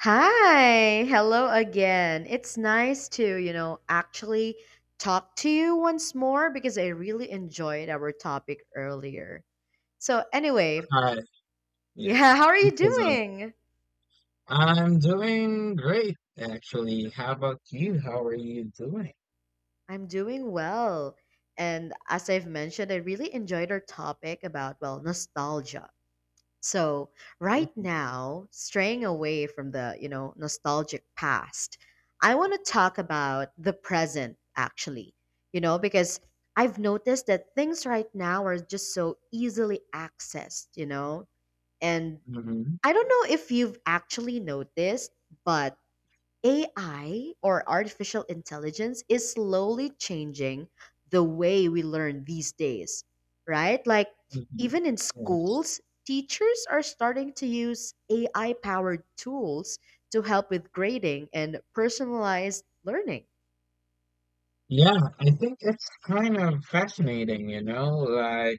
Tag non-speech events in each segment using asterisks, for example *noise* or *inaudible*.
Hi, hello again. It's nice to actually talk to you once more because I really enjoyed our topic earlier. So, anyway, Hi, yeah, *laughs* yes, how are you because doing? I'm doing great actually. How about you? How are you doing? I'm doing well. And as I've mentioned, I really enjoyed our topic about, well, nostalgia. So, right Hmm. now, straying away from the nostalgic past, I want to talk about the present actually. You know, because I've noticed that things right now are just so easily accessed, you know? And Hmm. I don't know if you've actually noticed, but AI or artificial intelligence is slowly changing the way we learn these days, right? Like, Hmm. even in Yes. schools, teachers are starting to use AI powered tools to help with grading and personalized learning. Yeah, I think it's kind of fascinating, like,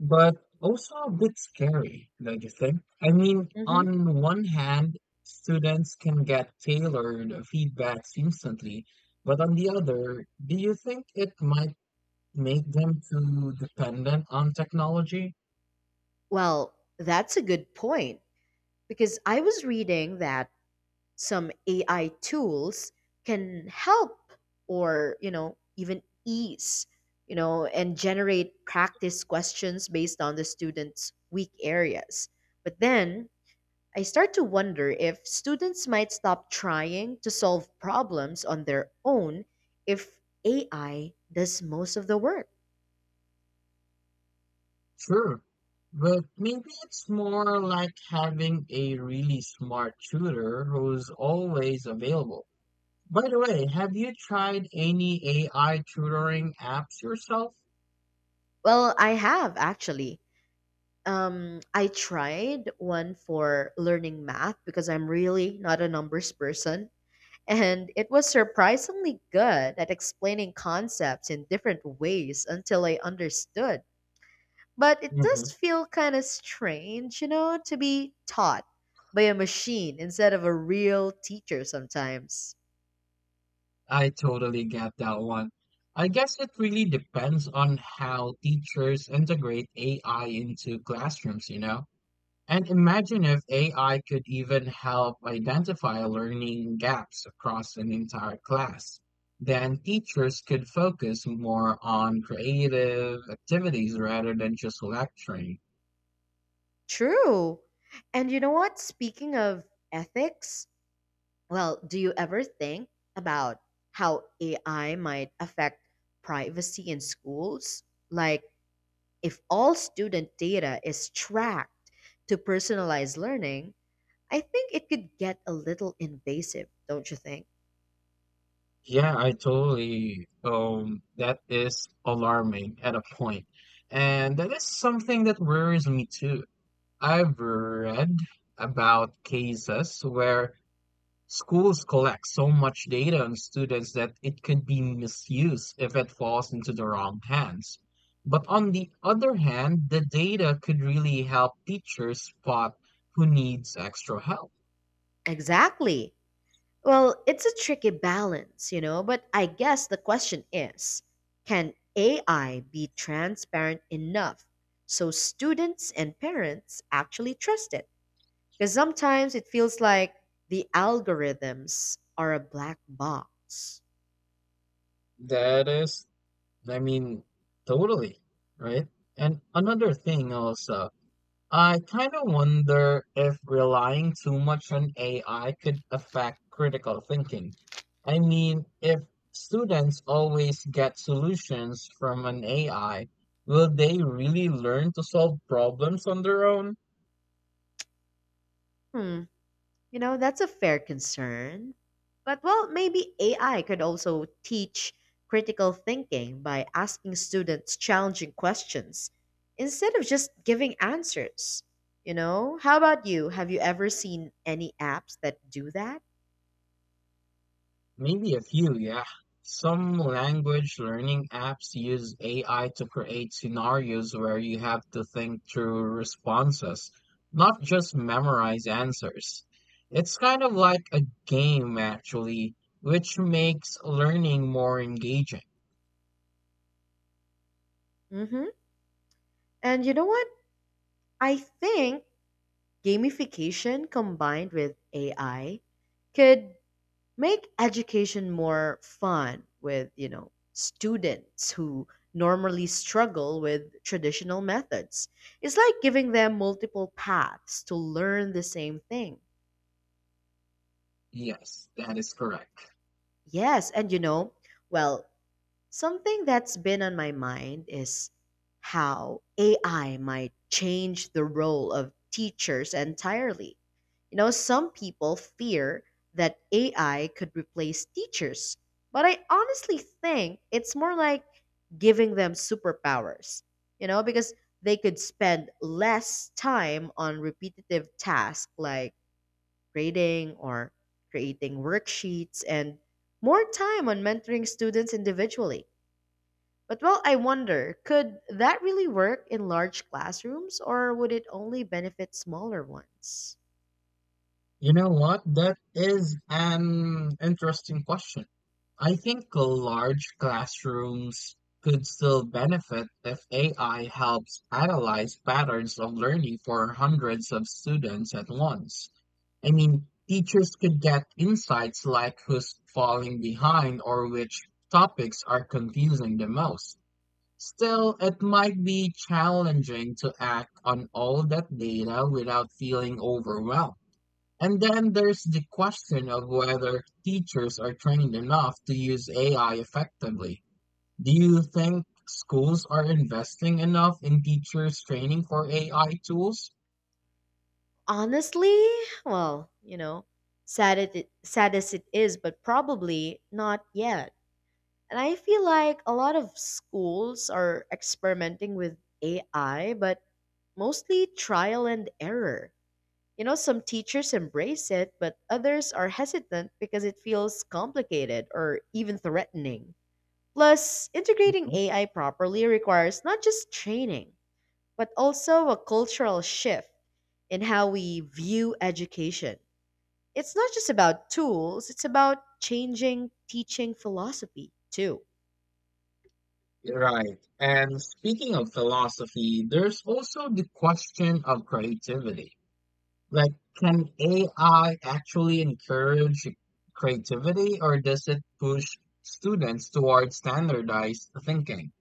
but also a bit scary, don't you think? I mean, Hmm. on one hand, students can get tailored feedbacks instantly, but on the other, do you think it might make them too dependent on technology? Well, that's a good point because I was reading that some AI tools can help or, even ease, and generate practice questions based on the student's weak areas. But then I start to wonder if students might stop trying to solve problems on their own if AI does most of the work. Sure, but maybe it's more like having a really smart tutor who's always available. By the way, have you tried any AI tutoring apps yourself? Well, I have actually. I tried one for learning math because I'm really not a numbers person. And it was surprisingly good at explaining concepts in different ways until I understood. But it does Hmm. feel kind of strange, to be taught by a machine instead of a real teacher sometimes. I totally get that one. I guess it really depends on how teachers integrate AI into classrooms, you know? And imagine if AI could even help identify learning gaps across an entire class. Then teachers could focus more on creative activities rather than just lecturing. True. And you know what? Speaking of ethics, well, do you ever think about how AI might affect privacy in schools? Like, if all student data is tracked to personalized learning, I think it could get a little invasive, don't you think? Yeah, I totally. That is alarming at a point. And that is something that worries me too. I've read about cases where schools collect so much data on students that it could be misused if it falls into the wrong hands. But on the other hand, the data could really help teachers spot who needs extra help. Exactly. Well, it's a tricky balance, but I guess the question is, can AI be transparent enough so students and parents actually trust it? Because sometimes it feels like the algorithms are a black box. That is, I mean, totally, right? And another thing also, I kind of wonder if relying too much on AI could affect critical thinking. I mean, if students always get solutions from an AI, will they really learn to solve problems on their own? Hmm. You know, that's a fair concern. But, well, maybe AI could also teach critical thinking by asking students challenging questions instead of just giving answers. You know, how about you? Have you ever seen any apps that do that? Maybe a few, yeah. Some language learning apps use AI to create scenarios where you have to think through responses, not just memorize answers. It's kind of like a game, actually, which makes learning more engaging. Mm-hmm. And you know what? I think gamification combined with AI could make education more fun with students who normally struggle with traditional methods. It's like giving them multiple paths to learn the same thing. Yes, that is correct. Yes, and well, something that's been on my mind is how AI might change the role of teachers entirely. You know, some people fear that AI could replace teachers, but I honestly think it's more like giving them superpowers, because they could spend less time on repetitive tasks like grading or creating worksheets and more time on mentoring students individually. But, well, I wonder, could that really work in large classrooms or would it only benefit smaller ones? You know what? That is an interesting question. I think large classrooms could still benefit if AI helps analyze patterns of learning for hundreds of students at once. I mean, teachers could get insights like who's falling behind or which topics are confusing the most. Still, it might be challenging to act on all that data without feeling overwhelmed. And then there's the question of whether teachers are trained enough to use AI effectively. Do you think schools are investing enough in teachers' training for AI tools? Honestly, well, sad as it is, but probably not yet. And I feel like a lot of schools are experimenting with AI, but mostly trial and error. You know, some teachers embrace it, but others are hesitant because it feels complicated or even threatening. Plus, integrating Mhm. AI properly requires not just training, but also a cultural shift in how we view education. It's not just about tools, it's about changing teaching philosophy too. Right. And speaking of philosophy, there's also the question of creativity. Like, can AI actually encourage creativity or does it push students towards standardized thinking?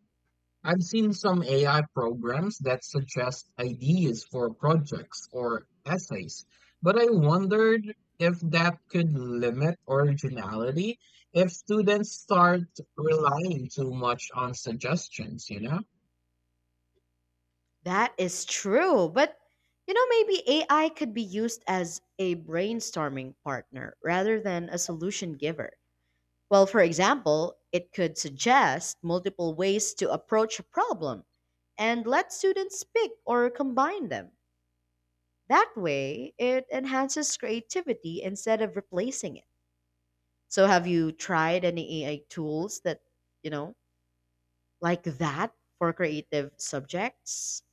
I've seen some AI programs that suggest ideas for projects or essays, but I wondered if that could limit originality if students start relying too much on suggestions, you know? That is true, but maybe AI could be used as a brainstorming partner rather than a solution giver. Well, for example, it could suggest multiple ways to approach a problem and let students pick or combine them. That way, it enhances creativity instead of replacing it. So, have you tried any AI tools that, you know, like that for creative subjects?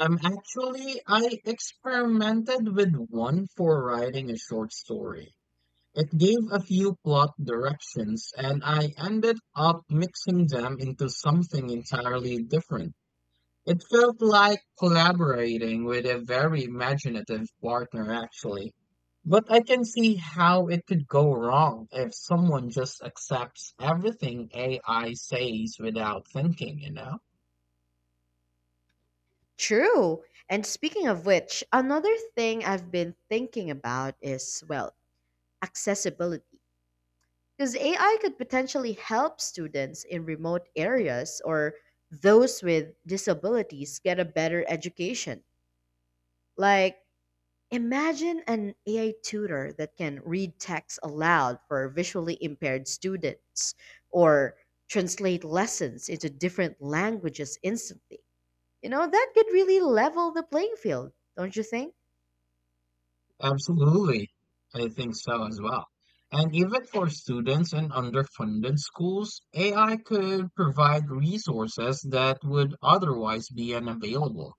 Actually, I experimented with one for writing a short story. It gave a few plot directions, and I ended up mixing them into something entirely different. It felt like collaborating with a very imaginative partner, actually. But I can see how it could go wrong if someone just accepts everything AI says without thinking, you know? True. And speaking of which, another thing I've been thinking about is, well, accessibility, because AI could potentially help students in remote areas or those with disabilities get a better education. Like, imagine an AI tutor that can read text aloud for visually impaired students or translate lessons into different languages instantly. You know, that could really level the playing field, don't you think? Absolutely. I think so as well. And even for students in underfunded schools, AI could provide resources that would otherwise be unavailable.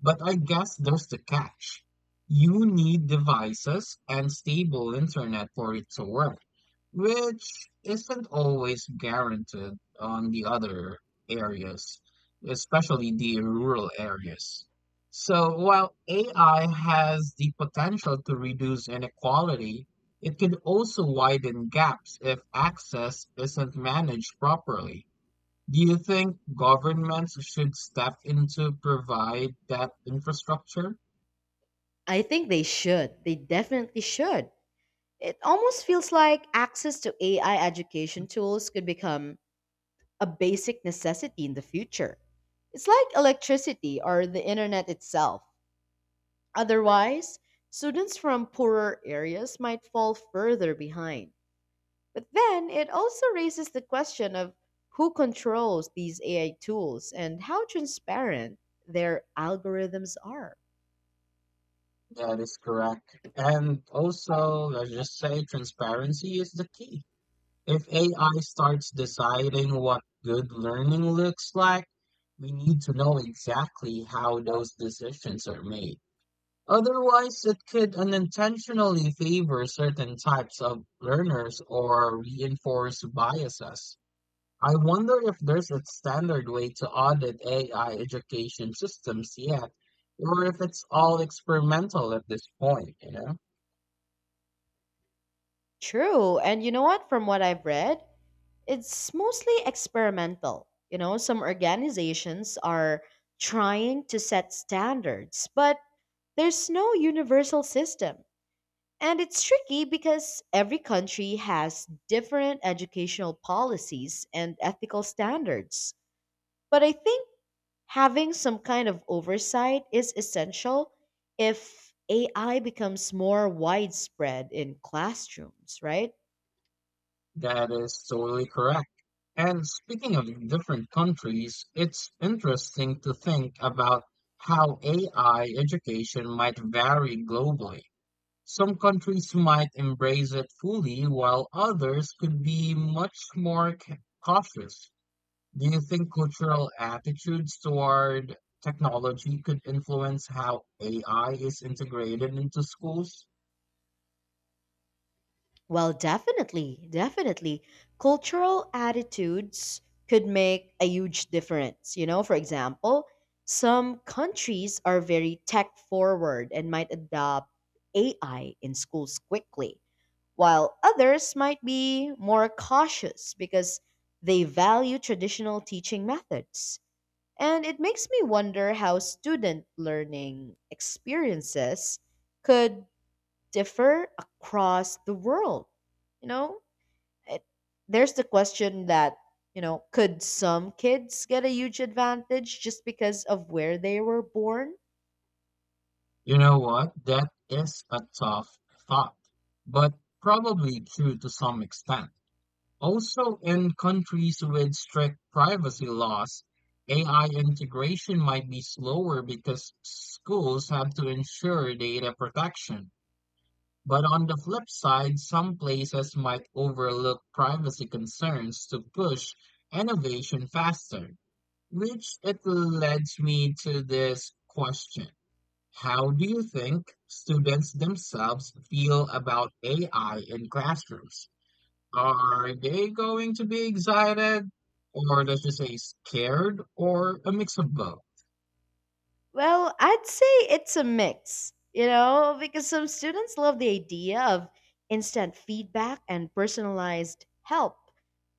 But I guess there's the catch. You need devices and stable internet for it to work, which isn't always guaranteed on the other areas, especially the rural areas. So while AI has the potential to reduce inequality, it can also widen gaps if access isn't managed properly. Do you think governments should step in to provide that infrastructure? I think they should. They definitely should. It almost feels like access to AI education tools could become a basic necessity in the future. It's like electricity or the internet itself. Otherwise, students from poorer areas might fall further behind. But then it also raises the question of who controls these AI tools and how transparent their algorithms are. That is correct. And also, let's just say transparency is the key. If AI starts deciding what good learning looks like, we need to know exactly how those decisions are made. Otherwise, it could unintentionally favor certain types of learners or reinforce biases. I wonder if there's a standard way to audit AI education systems yet, or if it's all experimental at this point, you know? True. And you know what? From what I've read, it's mostly experimental. You know, some organizations are trying to set standards, but there's no universal system. And it's tricky because every country has different educational policies and ethical standards. But I think having some kind of oversight is essential if AI becomes more widespread in classrooms, right? That is totally correct. And speaking of different countries, it's interesting to think about how AI education might vary globally. Some countries might embrace it fully, while others could be much more cautious. Do you think cultural attitudes toward technology could influence how AI is integrated into schools? Well, definitely, definitely. Cultural attitudes could make a huge difference. You know, for example, some countries are very tech forward and might adopt AI in schools quickly, while others might be more cautious because they value traditional teaching methods. And it makes me wonder how student learning experiences could differ across the world. You know, it, there's the question that, could some kids get a huge advantage just because of where they were born? You know what? That is a tough thought, but probably true to some extent. Also, in countries with strict privacy laws, AI integration might be slower because schools have to ensure data protection. But on the flip side, some places might overlook privacy concerns to push innovation faster, which it leads me to this question. How do you think students themselves feel about AI in classrooms? Are they going to be excited, or let's just say scared, or a mix of both? Well, I'd say it's a mix, because some students love the idea of instant feedback and personalized help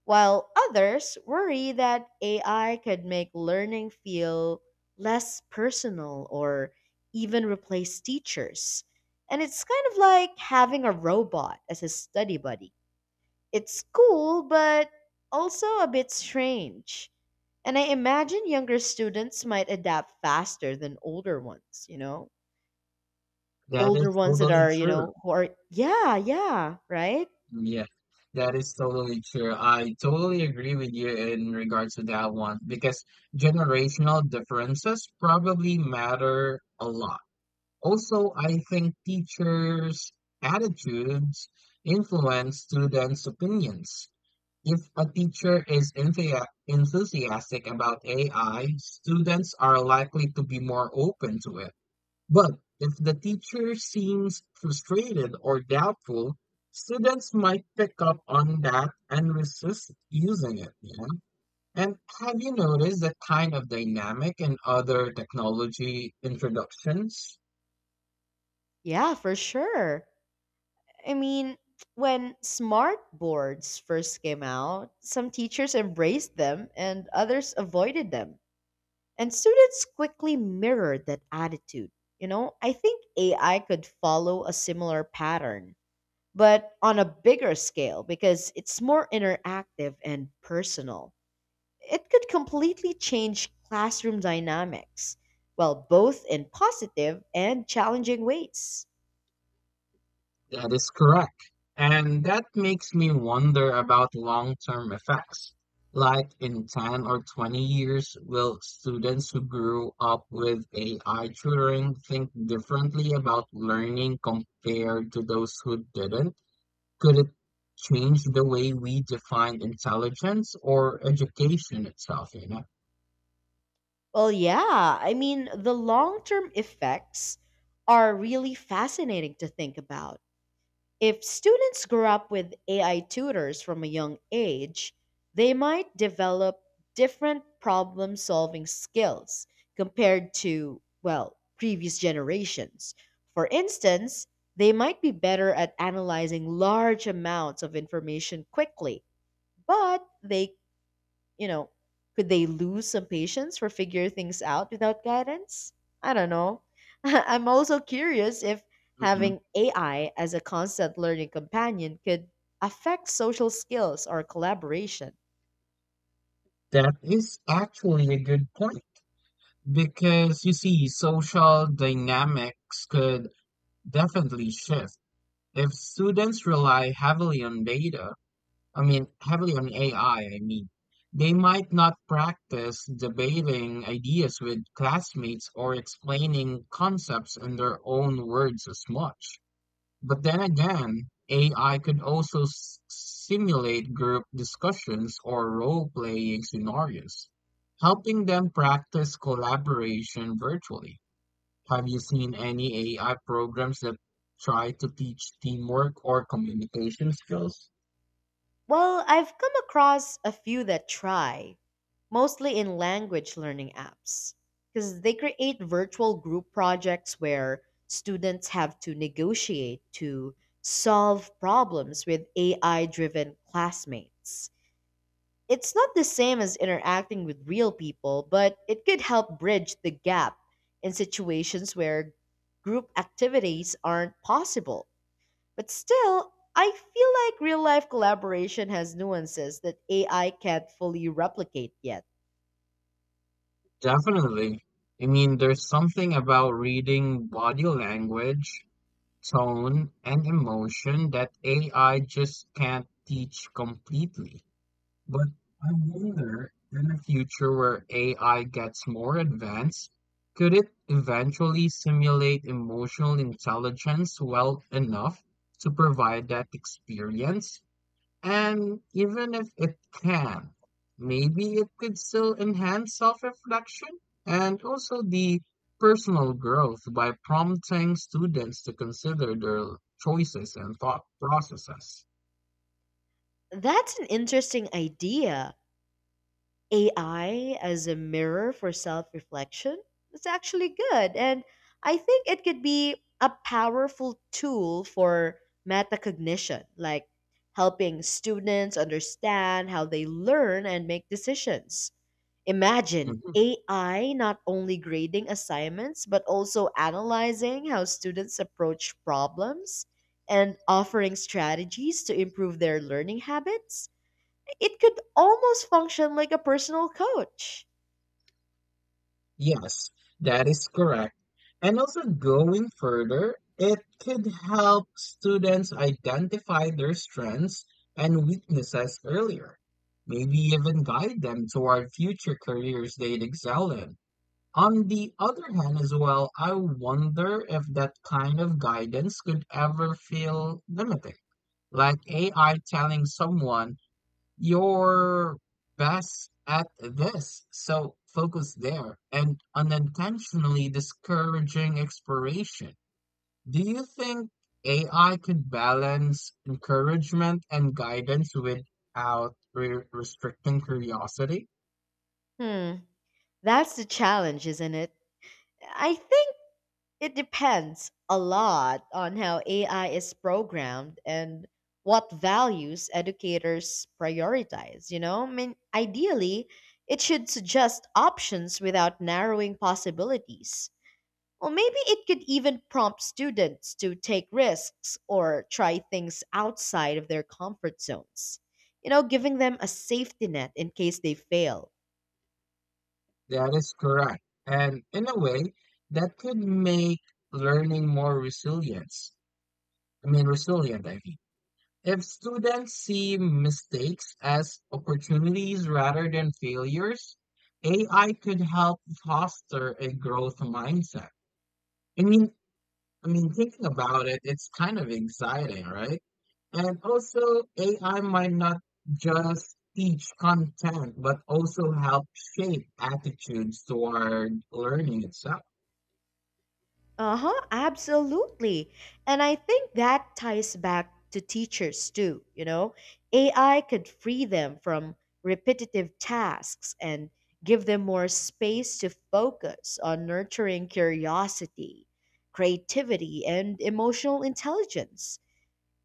while others worry that AI could make learning feel less personal or even replace teachers. And it's kind of like having a robot as a study buddy. It's cool, but also a bit strange. And I imagine younger students might adapt faster than older ones, you know? That Older is ones that totally are, true. Who are, yeah, yeah, right? Yeah, that is totally true. I totally agree with you in regards to that one because generational differences probably matter a lot. Also, I think teachers' attitudes influence students' opinions. If a teacher is enthusiastic about AI, students are likely to be more open to it. But if the teacher seems frustrated or doubtful, students might pick up on that and resist using it, you know? And have you noticed that kind of dynamic in other technology introductions? Yeah, for sure. I mean, when smart boards first came out, some teachers embraced them and others avoided them. And students quickly mirrored that attitude. You know, I think AI could follow a similar pattern, but on a bigger scale because it's more interactive and personal. It could completely change classroom dynamics, well, both in positive and challenging ways. That is correct. And that makes me wonder about long-term effects. Like in 10 or 20 years, will students who grew up with AI tutoring think differently about learning compared to those who didn't? Could it change the way we define intelligence or education itself, you know? Well, yeah. I mean, the long term effects are really fascinating to think about. If students grow up with AI tutors from a young age, they might develop different problem solving skills compared to, well, previous generations. For instance, they might be better at analyzing large amounts of information quickly, but you know, could they lose some patience or figure things out without guidance? I don't know. *laughs* I'm also curious if Mhm. having AI as a constant learning companion could affect social skills or collaboration. That is actually a good point because you see, social dynamics could definitely shift. If students rely heavily on data, I mean, heavily on AI, I mean, they might not practice debating ideas with classmates or explaining concepts in their own words as much. But then again, AI could also simulate group discussions or role-playing scenarios, helping them practice collaboration virtually. Have you seen any AI programs that try to teach teamwork or communication skills? Well, I've come across a few that try, mostly in language learning apps, because they create virtual group projects where students have to negotiate to solve problems with AI driven classmates. It's not the same as interacting with real people, but it could help bridge the gap in situations where group activities aren't possible. But still, I feel like real life collaboration has nuances that AI can't fully replicate yet. Definitely. I mean, there's something about reading body language, tone, and emotion that AI just can't teach completely. But I wonder, in a future where AI gets more advanced, could it eventually simulate emotional intelligence well enough to provide that experience? And even if it can, maybe it could still enhance self reflection and also the personal growth by prompting students to consider their choices and thought processes. That's an interesting idea. AI as a mirror for self reflection? Its actually good. And I think it could be a powerful tool for metacognition, like helping students understand how they learn and make decisions. Imagine Mhm. AI not only grading assignments, but also analyzing how students approach problems and offering strategies to improve their learning habits. It could almost function like a personal coach. Yes, that is correct. And also going further, it could help students identify their strengths and weaknesses earlier, maybe even guide them toward future careers they'd excel in. On the other hand, as well, I wonder if that kind of guidance could ever feel limiting. Like AI telling someone, you're best at this, so focus there, and unintentionally discouraging exploration. Do you think AI could balance encouragement and guidance without restricting curiosity? Hmm, that's the challenge, isn't it? I think it depends a lot on how AI is programmed and what values educators prioritize, you know? I mean, ideally, it should suggest options without narrowing possibilities. Or maybe it could even prompt students to take risks or try things outside of their comfort zones, giving them a safety net in case they fail. That is correct. And in a way, that could make learning more resilience. I mean, resilient, I mean. If students see mistakes as opportunities rather than failures, AI could help foster a growth mindset. I mean, I mean, thinking about it, it's kind of exciting, right? And also, AI might not just teach content, but also help shape attitudes toward learning itself. Uh huh, absolutely. And I think that ties back to teachers too. AI could free them from repetitive tasks and give them more space to focus on nurturing curiosity, creativity, and emotional intelligence.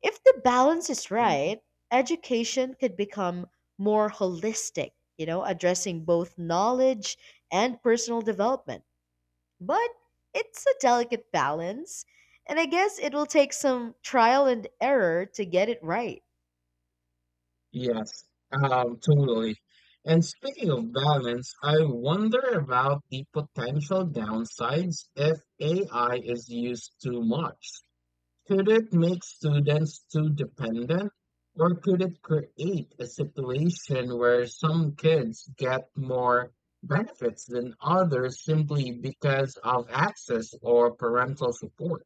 If the balance is Mm. right, education could become more holistic, addressing both knowledge and personal development. But it's a delicate balance, and I guess it will take some trial and error to get it right. Yes, totally. And speaking of balance, I wonder about the potential downsides if AI is used too much. Could it make students too dependent, or could it create a situation where some kids get more benefits than others simply because of access or parental support?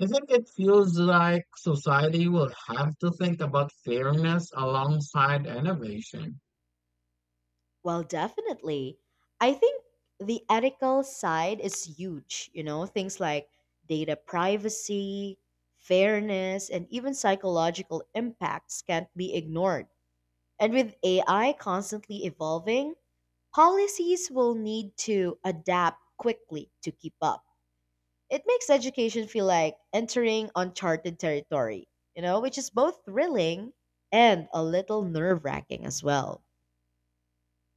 I think it feels like society will have to think about fairness alongside innovation. Well, definitely. I think the ethical side is huge, things like data privacy, fairness, and even psychological impacts can't be ignored. And with AI constantly evolving, policies will need to adapt quickly to keep up. It makes education feel like entering uncharted territory, which is both thrilling and a little nerve wracking as well.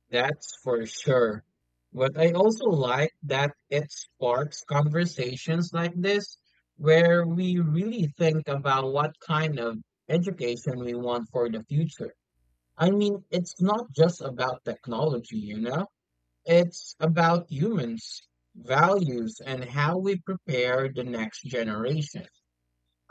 That's for sure. But I also like that it sparks conversations like this, where we really think about what kind of education we want for the future. I mean, it's not just about technology, you know? It's about humans, values, and how we prepare the next generation.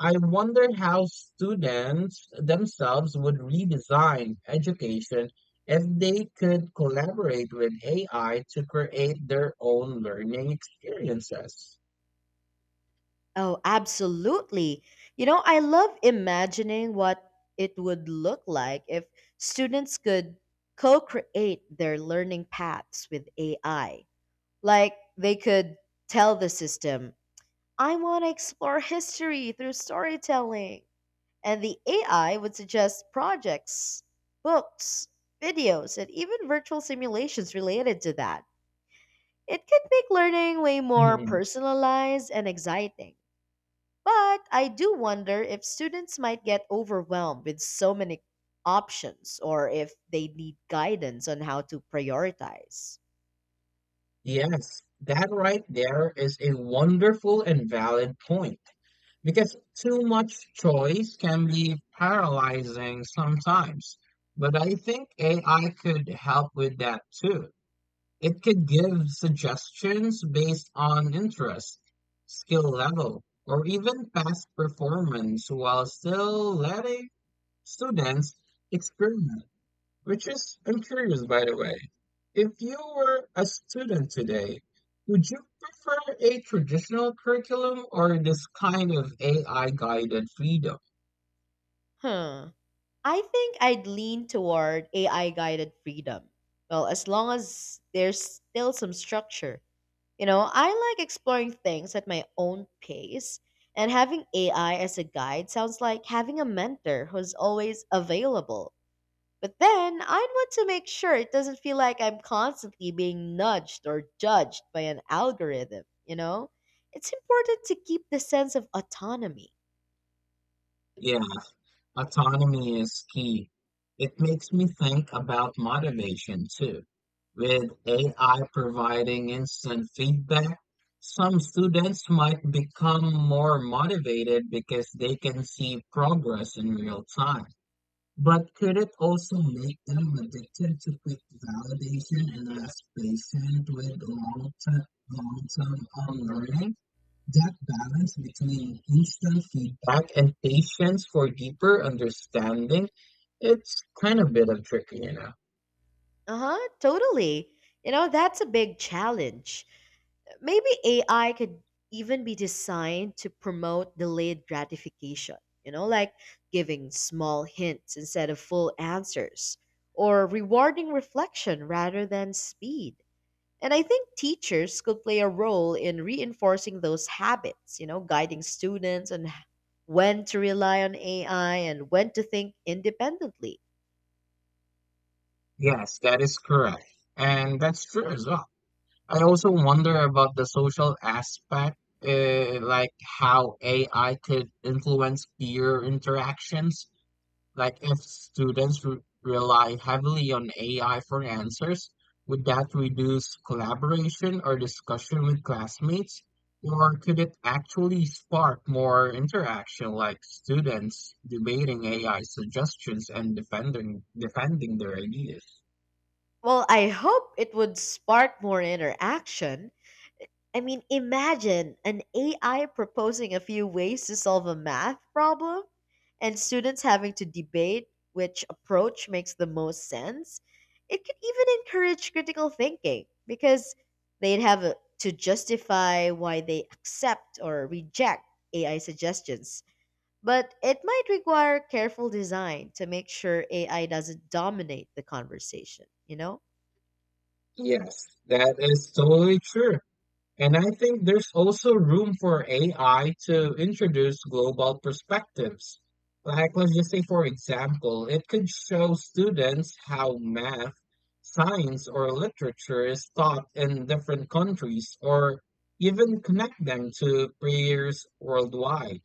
I wonder how students themselves would redesign education if they could collaborate with AI to create their own learning experiences. Oh, absolutely. You know, I love imagining what it would look like if students could co create their learning paths with AI. Like, they could tell the system, I want to explore history through storytelling. And the AI would suggest projects, books, videos, and even virtual simulations related to that. It can make learning way more Mhm. personalized and exciting. But I do wonder if students might get overwhelmed with so many options or if they need guidance on how to prioritize. Yes, that right there is a wonderful and valid point because too much choice can be paralyzing sometimes. But I think AI could help with that too. It could give suggestions based on interest, skill level, or even past performance while still letting students experiment. Which is, I'm curious by the way, if you were a student today, would you prefer a traditional curriculum or this kind of AI guided freedom? Huh. I think I'd lean toward AI guided freedom. Well, as long as there's still some structure. You know, I like exploring things at my own pace, and having AI as a guide sounds like having a mentor who's always available. But then I'd want to make sure it doesn't feel like I'm constantly being nudged or judged by an algorithm, you know? It's important to keep the sense of autonomy. Yeah. Autonomy is key. It makes me think about motivation too. With AI providing instant feedback, some students might become more motivated because they can see progress in real time. But could it also make them addicted to quick validation and less patient with long-term learning? That balance between instant feedback and patience for deeper understanding, it's kind of bit of tricky, you know. Uh-huh, totally. You know, that's a big challenge. Maybe AI could even be designed to promote delayed gratification, like giving small hints instead of full answers, or rewarding reflection rather than speed. And I think teachers could play a role in reinforcing those habits, guiding students on when to rely on AI and when to think independently. Yes, that is correct. And that's true as well. I also wonder about the social aspect, like how AI could influence peer interactions. Like if students re rely heavily on AI for answers, would that reduce collaboration or discussion with classmates? Or could it actually spark more interaction, like students debating AI suggestions and defending their ideas? Well, I hope it would spark more interaction. I mean, imagine an AI proposing a few ways to solve a math problem and students having to debate which approach makes the most sense. It could even encourage critical thinking because they'd have to justify why they accept or reject AI suggestions. But it might require careful design to make sure AI doesn't dominate the conversation, you know? Yes, that is totally true. And I think there's also room for AI to introduce global perspectives. Like, let's just say, for example, it could show students how math, science, or literature is taught in different countries, or even connect them to peers worldwide.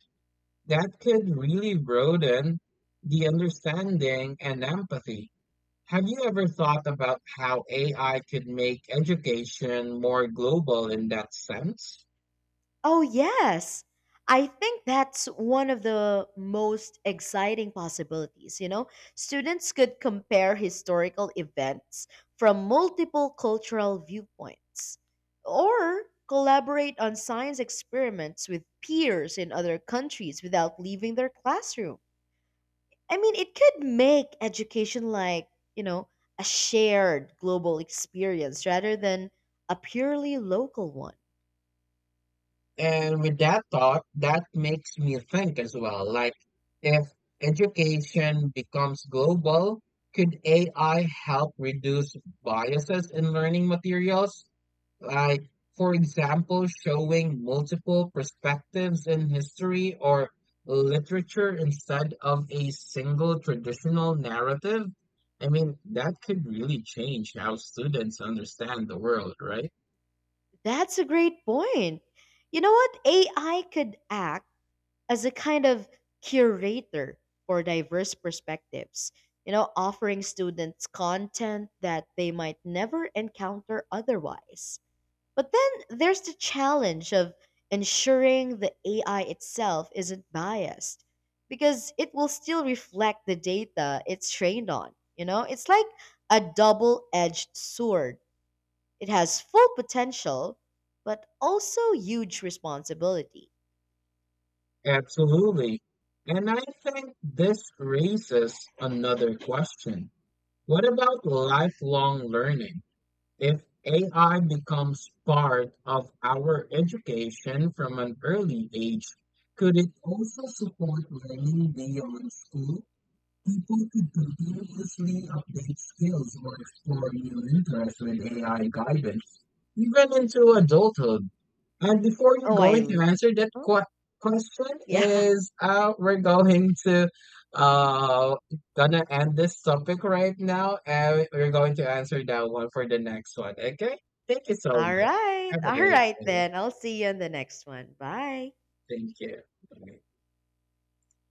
That could really broaden the understanding and empathy. Have you ever thought about how AI could make education more global in that sense? Oh, yes. I think that's one of the most exciting possibilities, you know? Students could compare historical events from multiple cultural viewpoints or collaborate on science experiments with peers in other countries without leaving their classroom. I mean, it could make education like, you know, a shared global experience rather than a purely local one. And with that thought, that makes me think as well. Like, if education becomes global, could AI help reduce biases in learning materials? Like, for example, showing multiple perspectives in history or literature instead of a single traditional narrative. I mean, that could really change how students understand the world, right? That's a great point. You know what? AI could act as a kind of curator for diverse perspectives, offering students content that they might never encounter otherwise. But then there's the challenge of ensuring the AI itself isn't biased because it will still reflect the data it's trained on. You know, it's like a double edged sword. It has full potential, but also huge responsibility. Absolutely. And I think this raises another question. What about lifelong learning? If AI becomes part of our education from an early age, could it also support learning beyond school? People could continuously update skills or explore new interests with AI guidance, even into adulthood. And before you're Oh, I. going to l- answer that Uh-huh. Question, Yeah. is, we're going to, uh gonna end this topic right now, and we're going to answer that one for the next one. Okay? Thank you *laughs* so All much. right. Have a All great right, day. then. I'll see you in the next one. Bye. Thank you. Bye.